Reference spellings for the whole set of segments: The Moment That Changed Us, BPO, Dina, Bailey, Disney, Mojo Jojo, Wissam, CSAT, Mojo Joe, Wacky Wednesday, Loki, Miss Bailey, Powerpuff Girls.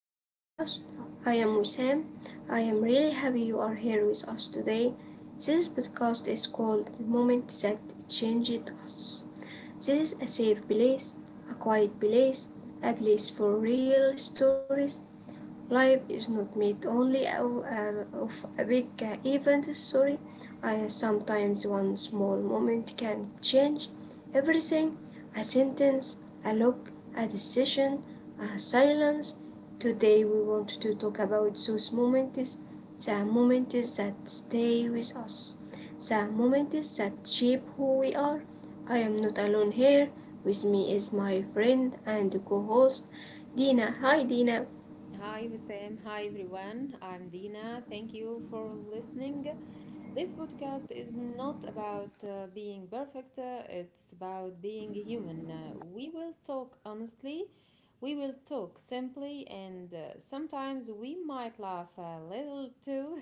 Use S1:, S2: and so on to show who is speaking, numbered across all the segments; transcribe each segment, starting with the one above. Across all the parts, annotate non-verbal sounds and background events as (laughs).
S1: our podcast. I am Wissam. I am really happy you are here with us today. This podcast is called The Moment That Changed Us. This is a safe place, a quiet place, a place for real stories. Life is not made only of big events. Sorry. Sometimes one small moment can change everything. A sentence, a look, a decision, a silence. Today we want to talk about those moments, the moments that stay with us, the moments that shape who we are. I am not alone here. With me is my friend and co-host Dina. Hi Dina.
S2: Hi, Wissam. Hi, everyone. I'm Dina. Thank you for listening. This podcast is not about being perfect, it's about being human. We will talk honestly, we will talk simply, and sometimes we might laugh a little too,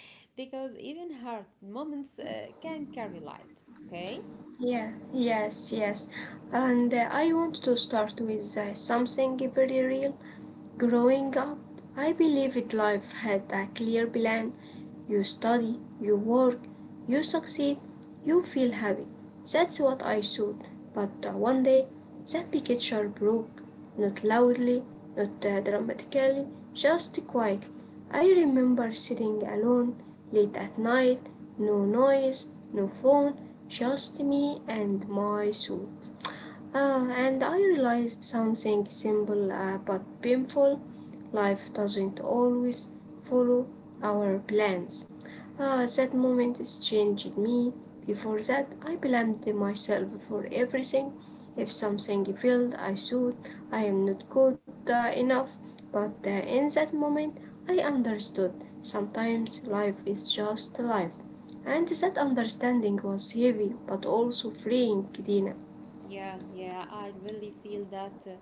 S2: (laughs) because even hard moments can carry light. Okay?
S1: Yeah, yes, yes. And I want to start with something very real. Growing up, I believed life had a clear plan. You study, you work, you succeed, you feel happy. That's what I thought. But one day, that picture broke. Not loudly, not dramatically, just quietly. I remember sitting alone, late at night, no noise, no phone, just me and my thoughts. And I realized something simple but painful. Life doesn't always follow our plans. That moment has changed me. Before that, I blamed myself for everything. If something failed, I thought I am not good enough. But in that moment, I understood sometimes life is just life. And that understanding was heavy but also freeing, Dina.
S2: Yeah, yeah, I really feel that.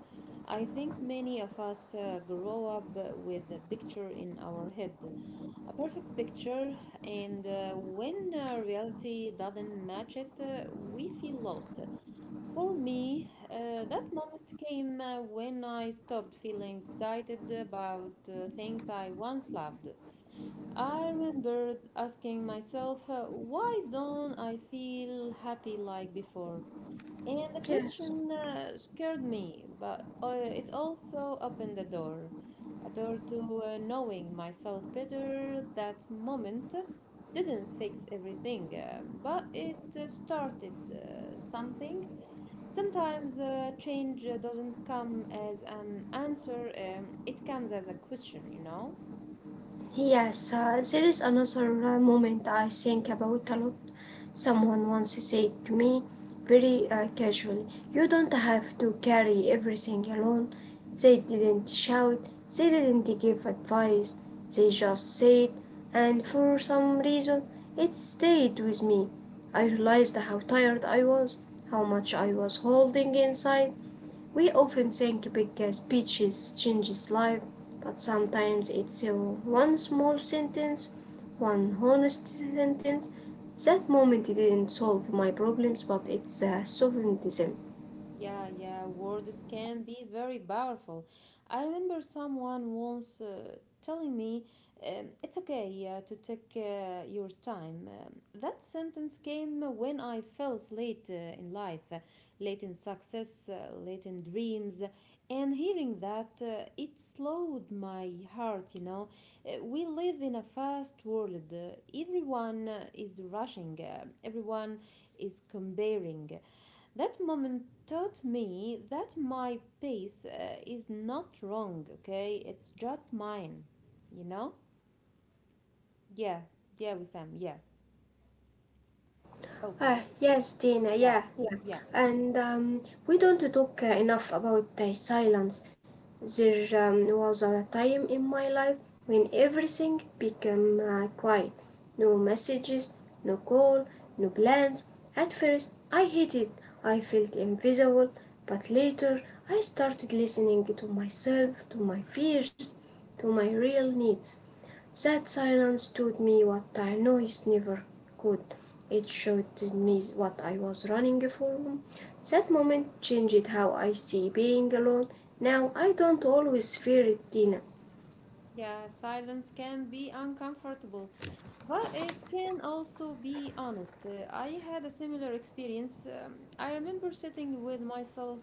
S2: I think many of us grow up with a picture in our head, a perfect picture, and when reality doesn't match it, we feel lost. For me, that moment came when I stopped feeling excited about things I once loved. I remember asking myself, why don't I feel happy like before? And the
S1: Yes.
S2: question scared me, but it also opened a door to knowing myself better. That moment didn't fix everything, but it started something. Sometimes change doesn't come as an answer, it comes as a question,
S1: Yes, there is another moment I think about a lot. Someone once said to me, very casually, you don't have to carry everything alone. They didn't shout, they didn't give advice, they just said, and for some reason, it stayed with me. I realized how tired I was, how much I was holding inside. We often think big speeches changes life, but sometimes it's one small sentence, one honest sentence. That moment didn't solve my problems, but it softened them.
S2: Yeah, yeah, words can be very powerful. I remember someone once telling me, it's okay to take your time. That sentence came when I felt late in life, late in success, late in dreams. And hearing that, it slowed my heart, We live in a fast world. Everyone is rushing, everyone is comparing. That moment taught me that my pace is not wrong, okay? It's just mine, you know? Yeah, yeah, Wissam, yeah. Okay.
S1: Yes, Dina, yeah,
S2: Yeah,
S1: yeah.
S2: yeah.
S1: And we don't talk enough about silence. There was a time in my life when everything became quiet. No messages, no call, no plans. At first, I hated it. I felt invisible, but later I started listening to myself, to my fears, to my real needs. That silence taught me what I noise never could. It showed me what I was running for. That moment changed how I see being alone. Now I don't always fear it, Tina.
S2: Yeah, silence can be uncomfortable, but it can also be honest. I had a similar experience. I remember sitting with myself,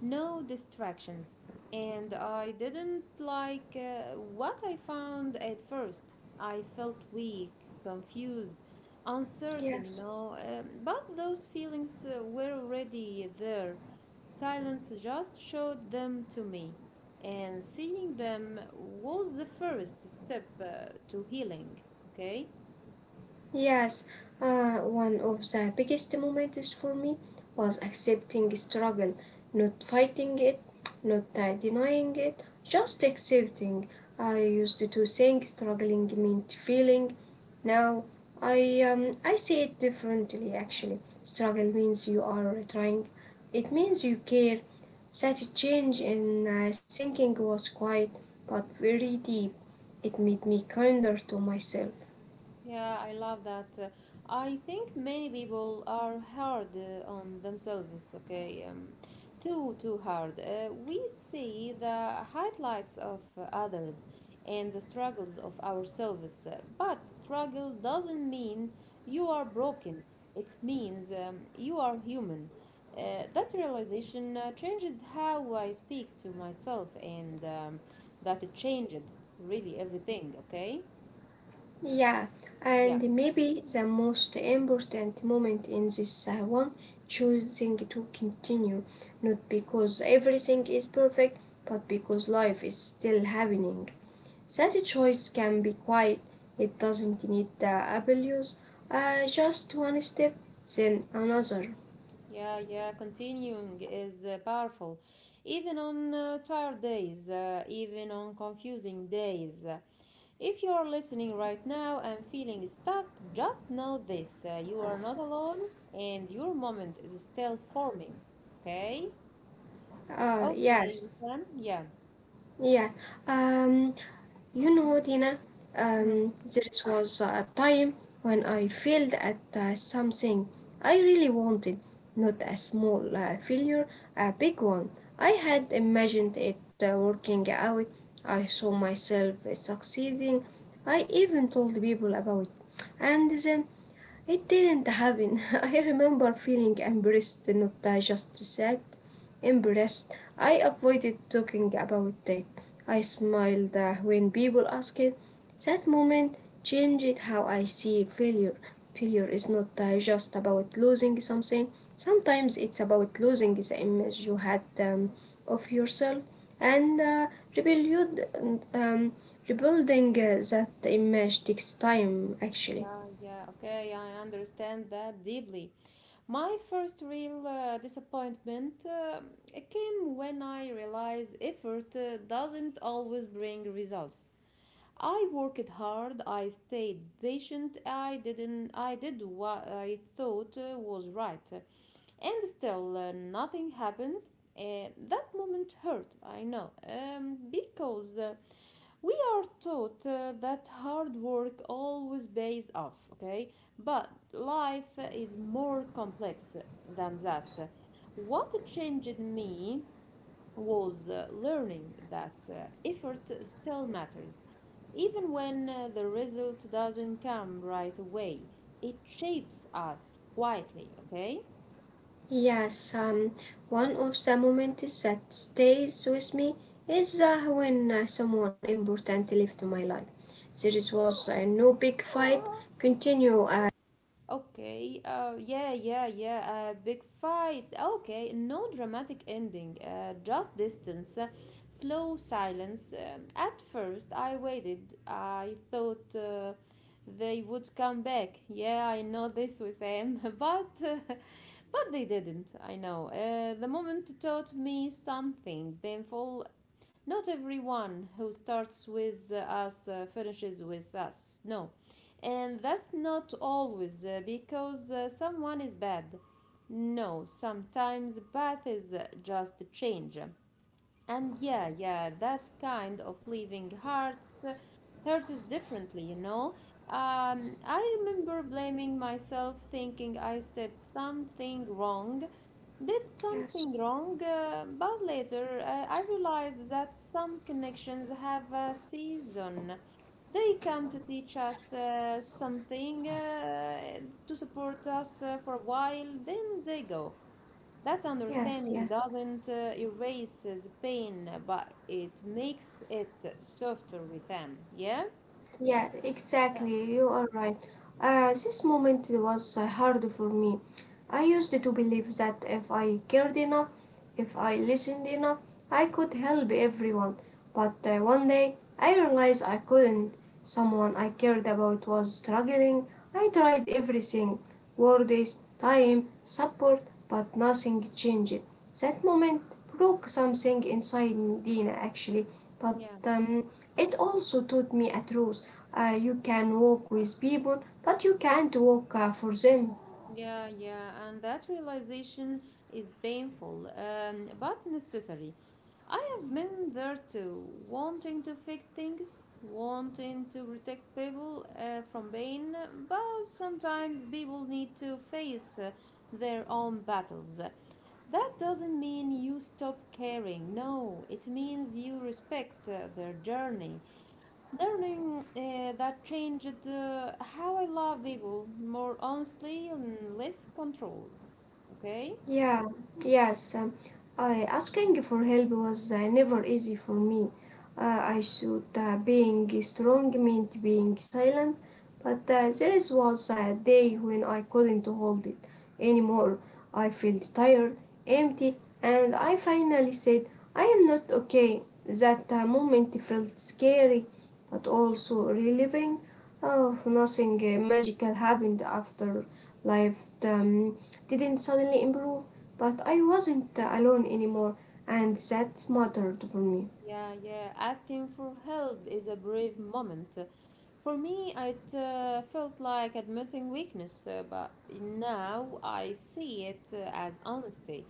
S2: no distractions, and I didn't like what I found at first. I felt weak, confused, uncertain,
S1: Yes.
S2: But those feelings were already there. Silence just showed them to me, and seeing them was the first step to healing. Okay.
S1: Yes, one of the biggest moments for me was accepting struggle, not fighting it, not denying it, just accepting. I used to think struggling meant feeling. Now I see it differently actually. Struggle means you are trying. It means you care. Such a change in thinking was quiet but very deep. It made me kinder to myself.
S2: Yeah, I love that. I think many people are hard on themselves, okay? Too, too hard. We see the highlights of others and the struggles of ourselves, but struggle doesn't mean you are broken. It means you are human. That realization changes how I speak to myself, and that it changed really everything, okay?
S1: Yeah,
S2: Yeah.
S1: and maybe the most important moment in this one, choosing to continue, not because everything is perfect, but because life is still happening. That choice can be quiet, it doesn't need the abuse, just one step, then another.
S2: Yeah, yeah, continuing is powerful. Even on tired days, even on confusing days. If you are listening right now and feeling stuck, just know this: you are not alone and your moment is still forming. Okay? Okay,
S1: Yes.
S2: Sam? Yeah.
S1: Yeah, um, you know, Dina,
S2: Mhm.
S1: there was a time when I failed at something I really wanted, not a small failure, a big one. I had imagined it working out. I saw myself succeeding. I even told people about it. And then it didn't happen. (laughs) I remember feeling embarrassed, not just sad, embarrassed. I avoided talking about it. I smiled when people asked it. That moment changed how I see failure. Failure is not just about losing something, sometimes it's about losing the image you had of yourself, and rebuild, um, rebuilding that image takes time actually.
S2: Yeah, yeah, okay, I understand that deeply. My first real disappointment came when I realized effort doesn't always bring results. I worked hard, I stayed patient, I didn't I did what I thought was right, and still nothing happened. That moment hurt, I know, because we are taught that hard work always pays off, okay? But life is more complex than that. What changed me was learning that effort still matters, even when the result doesn't come right away. It shapes us quietly, okay?
S1: Yes, one of the moments that stays with me is when someone important left my life. There is was no big fight. Continue.
S2: Okay, yeah, yeah, yeah, a big fight. Okay, no dramatic ending, just distance, slow silence. At first, I waited. I thought they would come back. Yeah, I know this with them, (laughs) but they didn't. I know. The moment taught me something painful: not everyone who starts with us finishes with us. No. And that's not always because someone is bad. No, sometimes bad is just a change. And yeah, yeah, that kind of leaving hearts hurts differently, I remember blaming myself, thinking I said something wrong, did something
S1: Yes,
S2: wrong, but later I realized that some connections have a season. They come to teach us something, to support us for a while, then they go. That
S1: yes,
S2: understanding
S1: yes.
S2: doesn't erase the pain, but it makes it softer with Sam, yeah?
S1: Yeah,
S2: Yeah.
S1: exactly. You are right. This moment was hard for me. I used to believe that if I cared enough, if I listened enough, I could help everyone. But one day I realized I couldn't. Someone I cared about was struggling. I tried everything: words, time, support, but nothing changed. That moment broke something inside, Dina, actually. But
S2: Yeah.
S1: um, it also taught me a truth. You can walk with people, but you can't walk for them.
S2: Yeah, yeah, and that realization is painful, but necessary. I have been there too, wanting to fix things, wanting to protect people from pain, but sometimes people need to face their own battles. That doesn't mean you stop caring, no, it means you respect their journey. Learning that changed how I love people more honestly and less control. Okay?
S1: Yeah, yes. I, asking for help was never easy for me. I thought being strong meant being silent, but there is was a day when I couldn't hold it anymore. I felt tired, empty, and I finally said, I am not okay. That moment felt scary, but also relieving. Oh, nothing magical happened after. Life didn't suddenly improve, but I wasn't alone anymore, and that mattered for me.
S2: Yeah, yeah. Asking for help is a brave moment. For me, it felt like admitting weakness, but now I see it as honesty.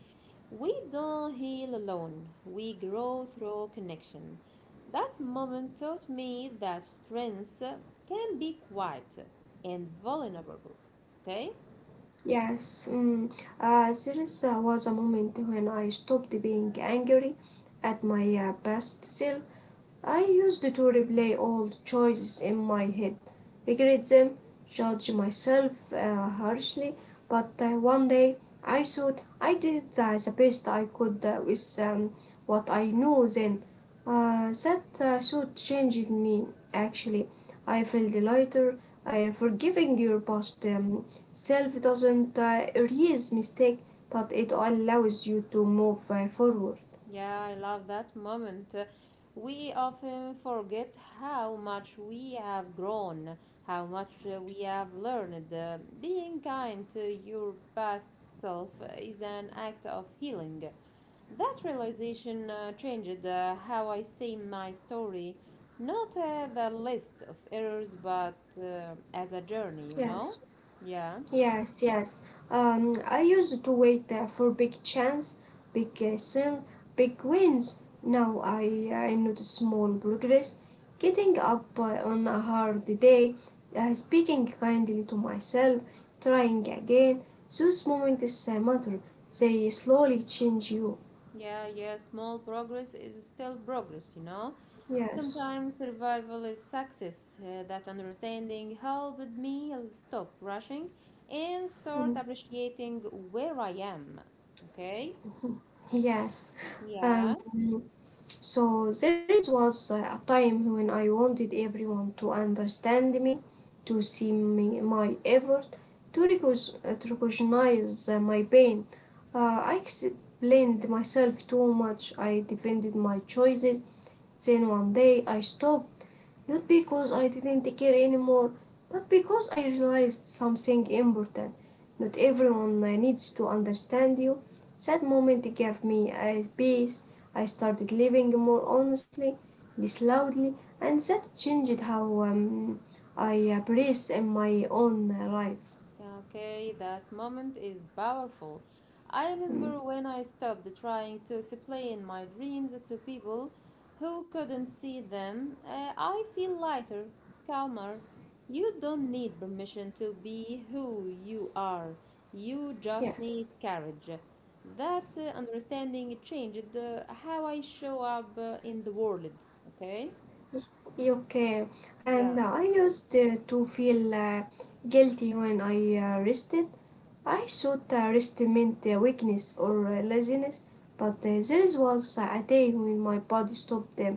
S2: We don't heal alone, we grow through connection. That moment taught me that strength can be quiet and vulnerable. Okay?
S1: Yes, mm, there was a moment when I stopped being angry at my best self. I used to replay old choices in my head, regret them, judge myself harshly, but one day I thought I did the best I could with what I knew then. That thought changed me actually. I felt lighter. Forgiving your past self doesn't erase mistake, but it allows you to move forward.
S2: Yeah, I love that moment. We often forget how much we have grown, how much we have learned. Being kind to your past self is an act of healing. That realization changed how I see my story, not as a list of errors, but as a journey,
S1: Yes.
S2: Yeah,
S1: Yes, yes. I used to wait for big chance, big sales, big wins. Now I notice small progress. Getting up on a hard day, speaking kindly to myself, trying again. Those moments matter. They slowly change you.
S2: yeah, yeah. Small progress is still progress,
S1: Yes,
S2: Sometimes survival is success. That understanding helped me stop rushing and start appreciating where I am, okay?
S1: (laughs) yes.
S2: Yeah.
S1: Um, So there was a time when I wanted everyone to understand me, to see me, my effort, to recognize my pain. I explained myself too much. I defended my choices. Then one day I stopped. Not because I didn't care anymore, but because I realized something important. Not everyone needs to understand you. That moment gave me a peace. I started living more honestly, less loudly, and that changed how I breathe in my own life.
S2: Yeah, okay, that moment is powerful. I remember
S1: Mm.
S2: when I stopped trying to explain my dreams to people who couldn't see them, I feel lighter, calmer. You don't need permission to be who you are, you just
S1: Yeah.
S2: need courage. That understanding changed how I show up in the world, okay?
S1: Okay,
S2: Yeah.
S1: and I used to feel guilty when I rested. I thought rest meant weakness or laziness, but there was a day when my body stopped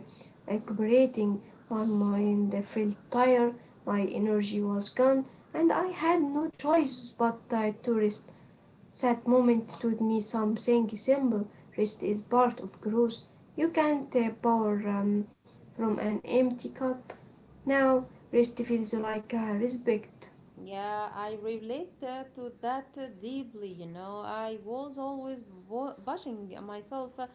S1: cooperating, my mind felt tired, my energy was gone, and I had no choice but to rest. That moment told me something simple. Rest is part of growth. You can't pour from an empty cup. Now, rest feels like respect.
S2: Yeah, I relate to that deeply. You know, I was always pushing myself, uh,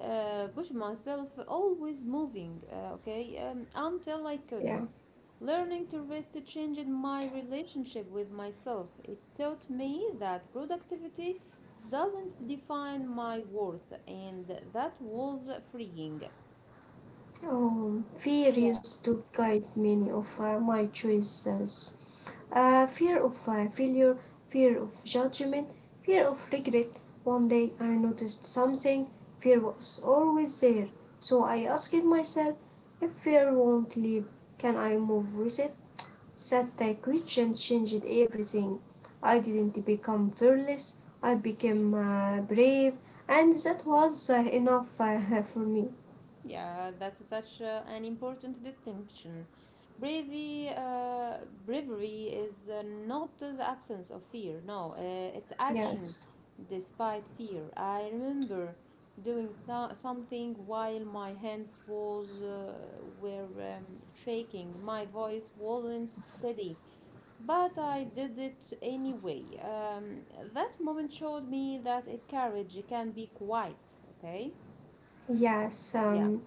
S2: uh, push myself, always moving. Okay, until I couldn't.
S1: Yeah.
S2: Learning to rest changed my relationship with myself. It taught me that productivity doesn't define my worth, and that was freeing.
S1: Oh, fear used to guide many of my choices: fear of failure, fear of judgment, fear of regret. One day I noticed something, fear was always there. So I asked myself, if fear won't leave, can I move with it? That question changed everything. I didn't become fearless, I became brave, and that was enough (laughs) for me.
S2: Yeah, that's such an important distinction. Bravery, uh, bravery is not the absence of fear. No, it's
S1: Yes.
S2: action despite fear. I remember doing something while my hands was were shaking. My voice wasn't steady, but I did it anyway. That moment showed me that a courage can be quiet. Okay.
S1: Yes,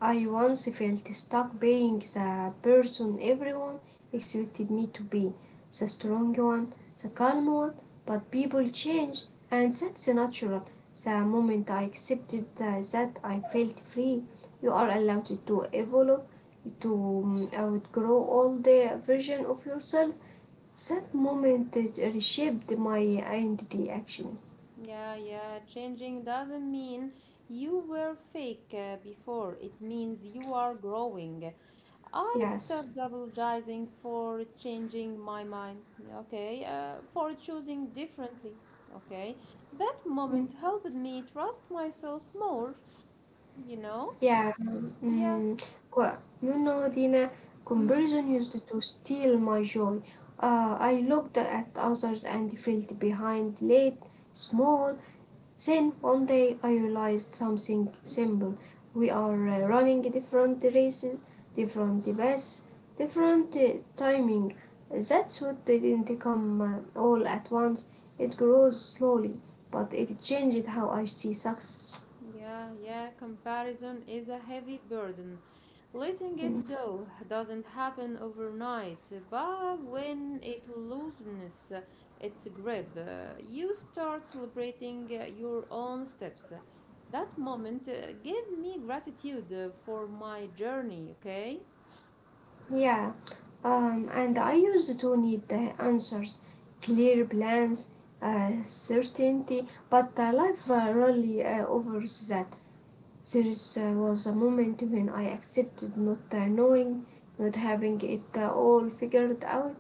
S1: I once felt stuck being the person everyone expected me to be, the strong one, the calm one, but people change, and that's natural. The moment I accepted that, I felt free. You are allowed to evolve, to outgrow all the version of yourself. That moment reshaped my identity, actually.
S2: Yeah, yeah. Changing doesn't mean you were fake before. It means you are growing. I
S1: Yes.
S2: stopped apologizing for changing my mind, okay? For choosing differently, okay? That
S1: Hmm.
S2: moment helped me trust myself more, you know?
S1: Yeah,
S2: Yeah.
S1: mm, you know, Dina,
S2: Hmm.
S1: comparison used to steal my joy. I looked at others and felt behind, late, small. Then one day I realized something simple. We are running different races, different paths, different timing. That's what didn't come all at once. It grows slowly, but it changed how I see success.
S2: Yeah, yeah. Comparison is a heavy burden. Letting it go doesn't happen overnight, but when it loosens its grip, you start celebrating your own steps. That moment gave me gratitude for my journey, okay?
S1: Yeah, and I used to need the answers, clear plans, certainty, but life really offers that. There was a moment when I accepted not knowing, not having it all figured out.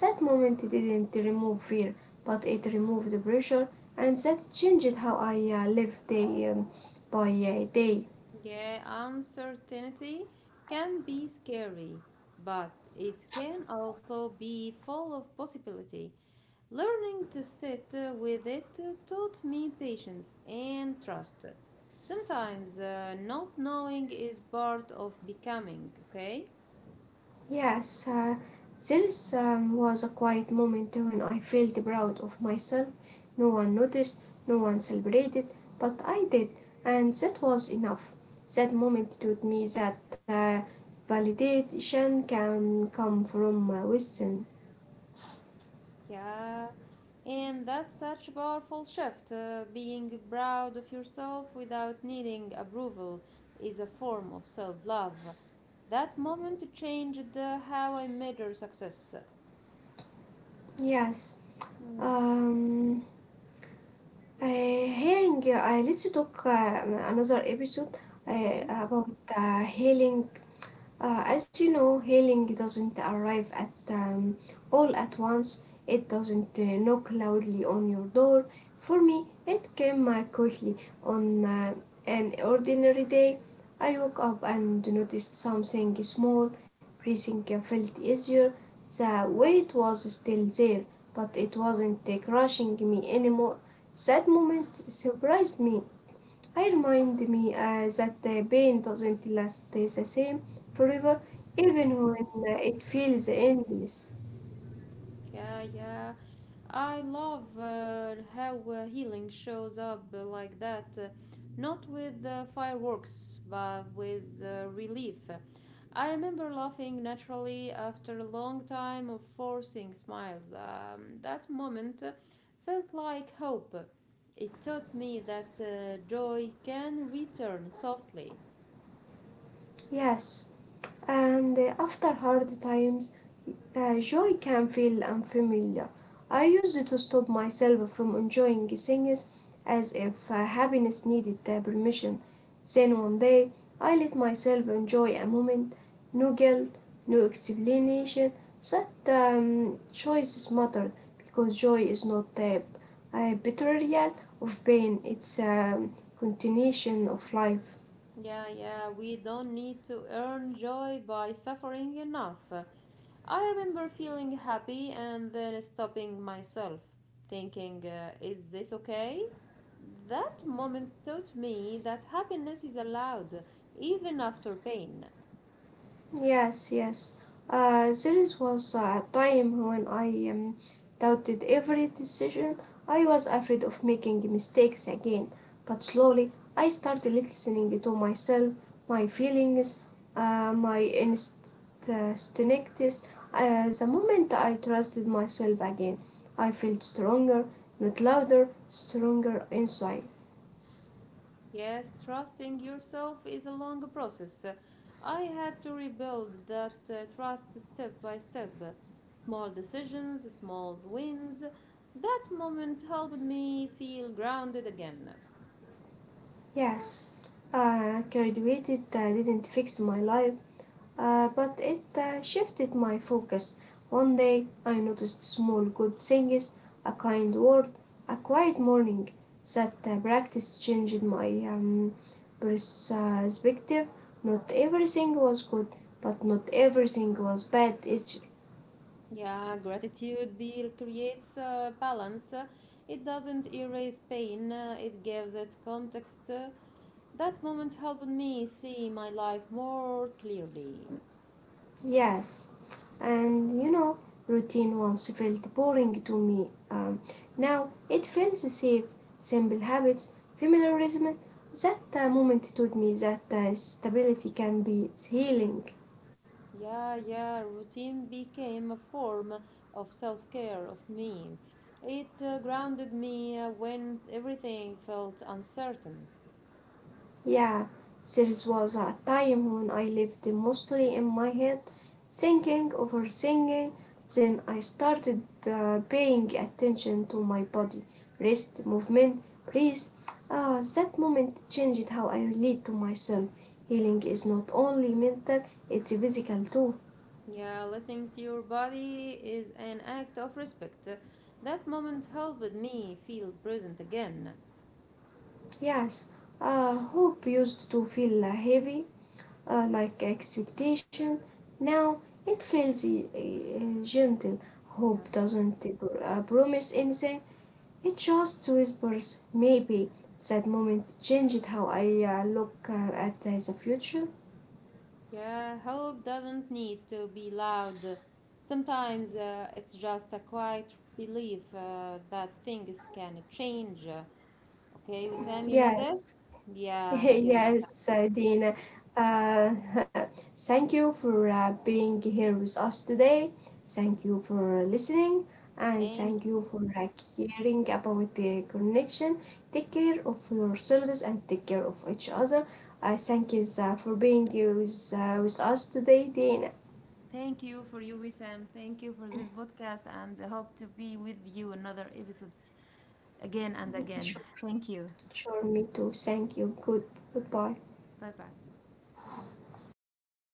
S1: That moment didn't remove fear, but it removed the pressure, and that changed how I live day by day.
S2: Yeah, uncertainty can be scary, but it can also be full of possibility. Learning to sit with it taught me patience and trust. Sometimes not knowing is part of becoming, okay?
S1: Yes, there was a quiet moment when I felt proud of myself. No one noticed, no one celebrated, but I did, and that was enough. That moment taught me that validation can come from within.
S2: Yeah. And that's such a powerful shift. Being proud of yourself without needing approval is a form of self love. That moment changed how I measure success.
S1: Yes.
S2: Mm.
S1: Um, healing, I, let's talk another episode
S2: Okay.
S1: about healing. As you know, healing doesn't arrive at all at once. It doesn't knock loudly on your door. For me, it came quickly on an ordinary day. I woke up and noticed something small. Breathing felt easier. The weight was still there, but it wasn't crushing me anymore. That moment surprised me. It reminded me that the pain doesn't last the same forever, even when it feels endless.
S2: Yeah, yeah. I love how healing shows up like that. Not with fireworks, but with relief. I remember laughing naturally after a long time of forcing smiles. That moment felt like hope. It taught me that joy can return softly.
S1: Yes, and after hard times, joy can feel unfamiliar. I used to stop myself from enjoying things as if happiness needed permission. Then one day, I let myself enjoy a moment. No guilt, no explanation. That choices matter because joy is not a betrayal of pain, it's a continuation of life.
S2: Yeah, yeah, we don't need to earn joy by suffering enough. I remember feeling happy and then stopping myself, thinking, is this okay? That moment taught me that happiness is allowed, even after pain.
S1: Yes, yes. There is was a time when I doubted every decision. I was afraid of making mistakes again. But slowly, I started listening to myself, my feelings, my instincts. The moment I trusted myself again, I felt stronger, not louder, stronger inside.
S2: Yes, trusting yourself is a long process. I had to rebuild that trust step by step. Small decisions, small wins. That moment helped me feel grounded again.
S1: Yes, graduated didn't fix my life, but it shifted my focus. One day I noticed small good things, a kind word, a quiet morning. That practice changed my perspective. Not everything was good, but not everything was bad. It's,
S2: Yeah, gratitude be creates balance. It doesn't erase pain, it gives it context. That moment helped me see my life more clearly.
S1: yes, and you know, routine once felt boring to me. Now it feels safe, simple habits, familiarism. That moment taught me that stability can be healing.
S2: Yeah, yeah, routine became a form of self care of me. It grounded me when everything felt uncertain.
S1: Yeah, there was a time when I lived mostly in my head, thinking, overthinking. Then I started paying attention to my body, wrist movement, breathe. That moment changed how I relate to myself. Healing is not only mental, it's physical too.
S2: Yeah, listening to your body is an act of respect. That moment helped me feel present again.
S1: Yes, hope used to feel heavy, like expectation. Now it feels gentle.
S2: Yeah.
S1: Hope doesn't promise anything. It just whispers, maybe that moment changed how I look at the future.
S2: Yeah, hope doesn't need to be loud. Sometimes it's just a quiet belief that things can change. Okay, Wissam, you know this?
S1: Yes. (laughs)
S2: Yeah, yeah, Wissam.
S1: Yes, Dina. Uh, (laughs) Thank you for being here with us today. Thank you for listening and
S2: Thank
S1: thank
S2: you.
S1: you for caring about the connection. Take care of yourselves and take care of each other. I thank you for being here with us today, Dina.
S2: Thank you for you, Wissam. Thank you for this podcast, and hope to be with you another episode again and
S1: Sure,
S2: again. Thank you.
S1: sure, me too. Thank you. Good, goodbye.
S2: Bye bye.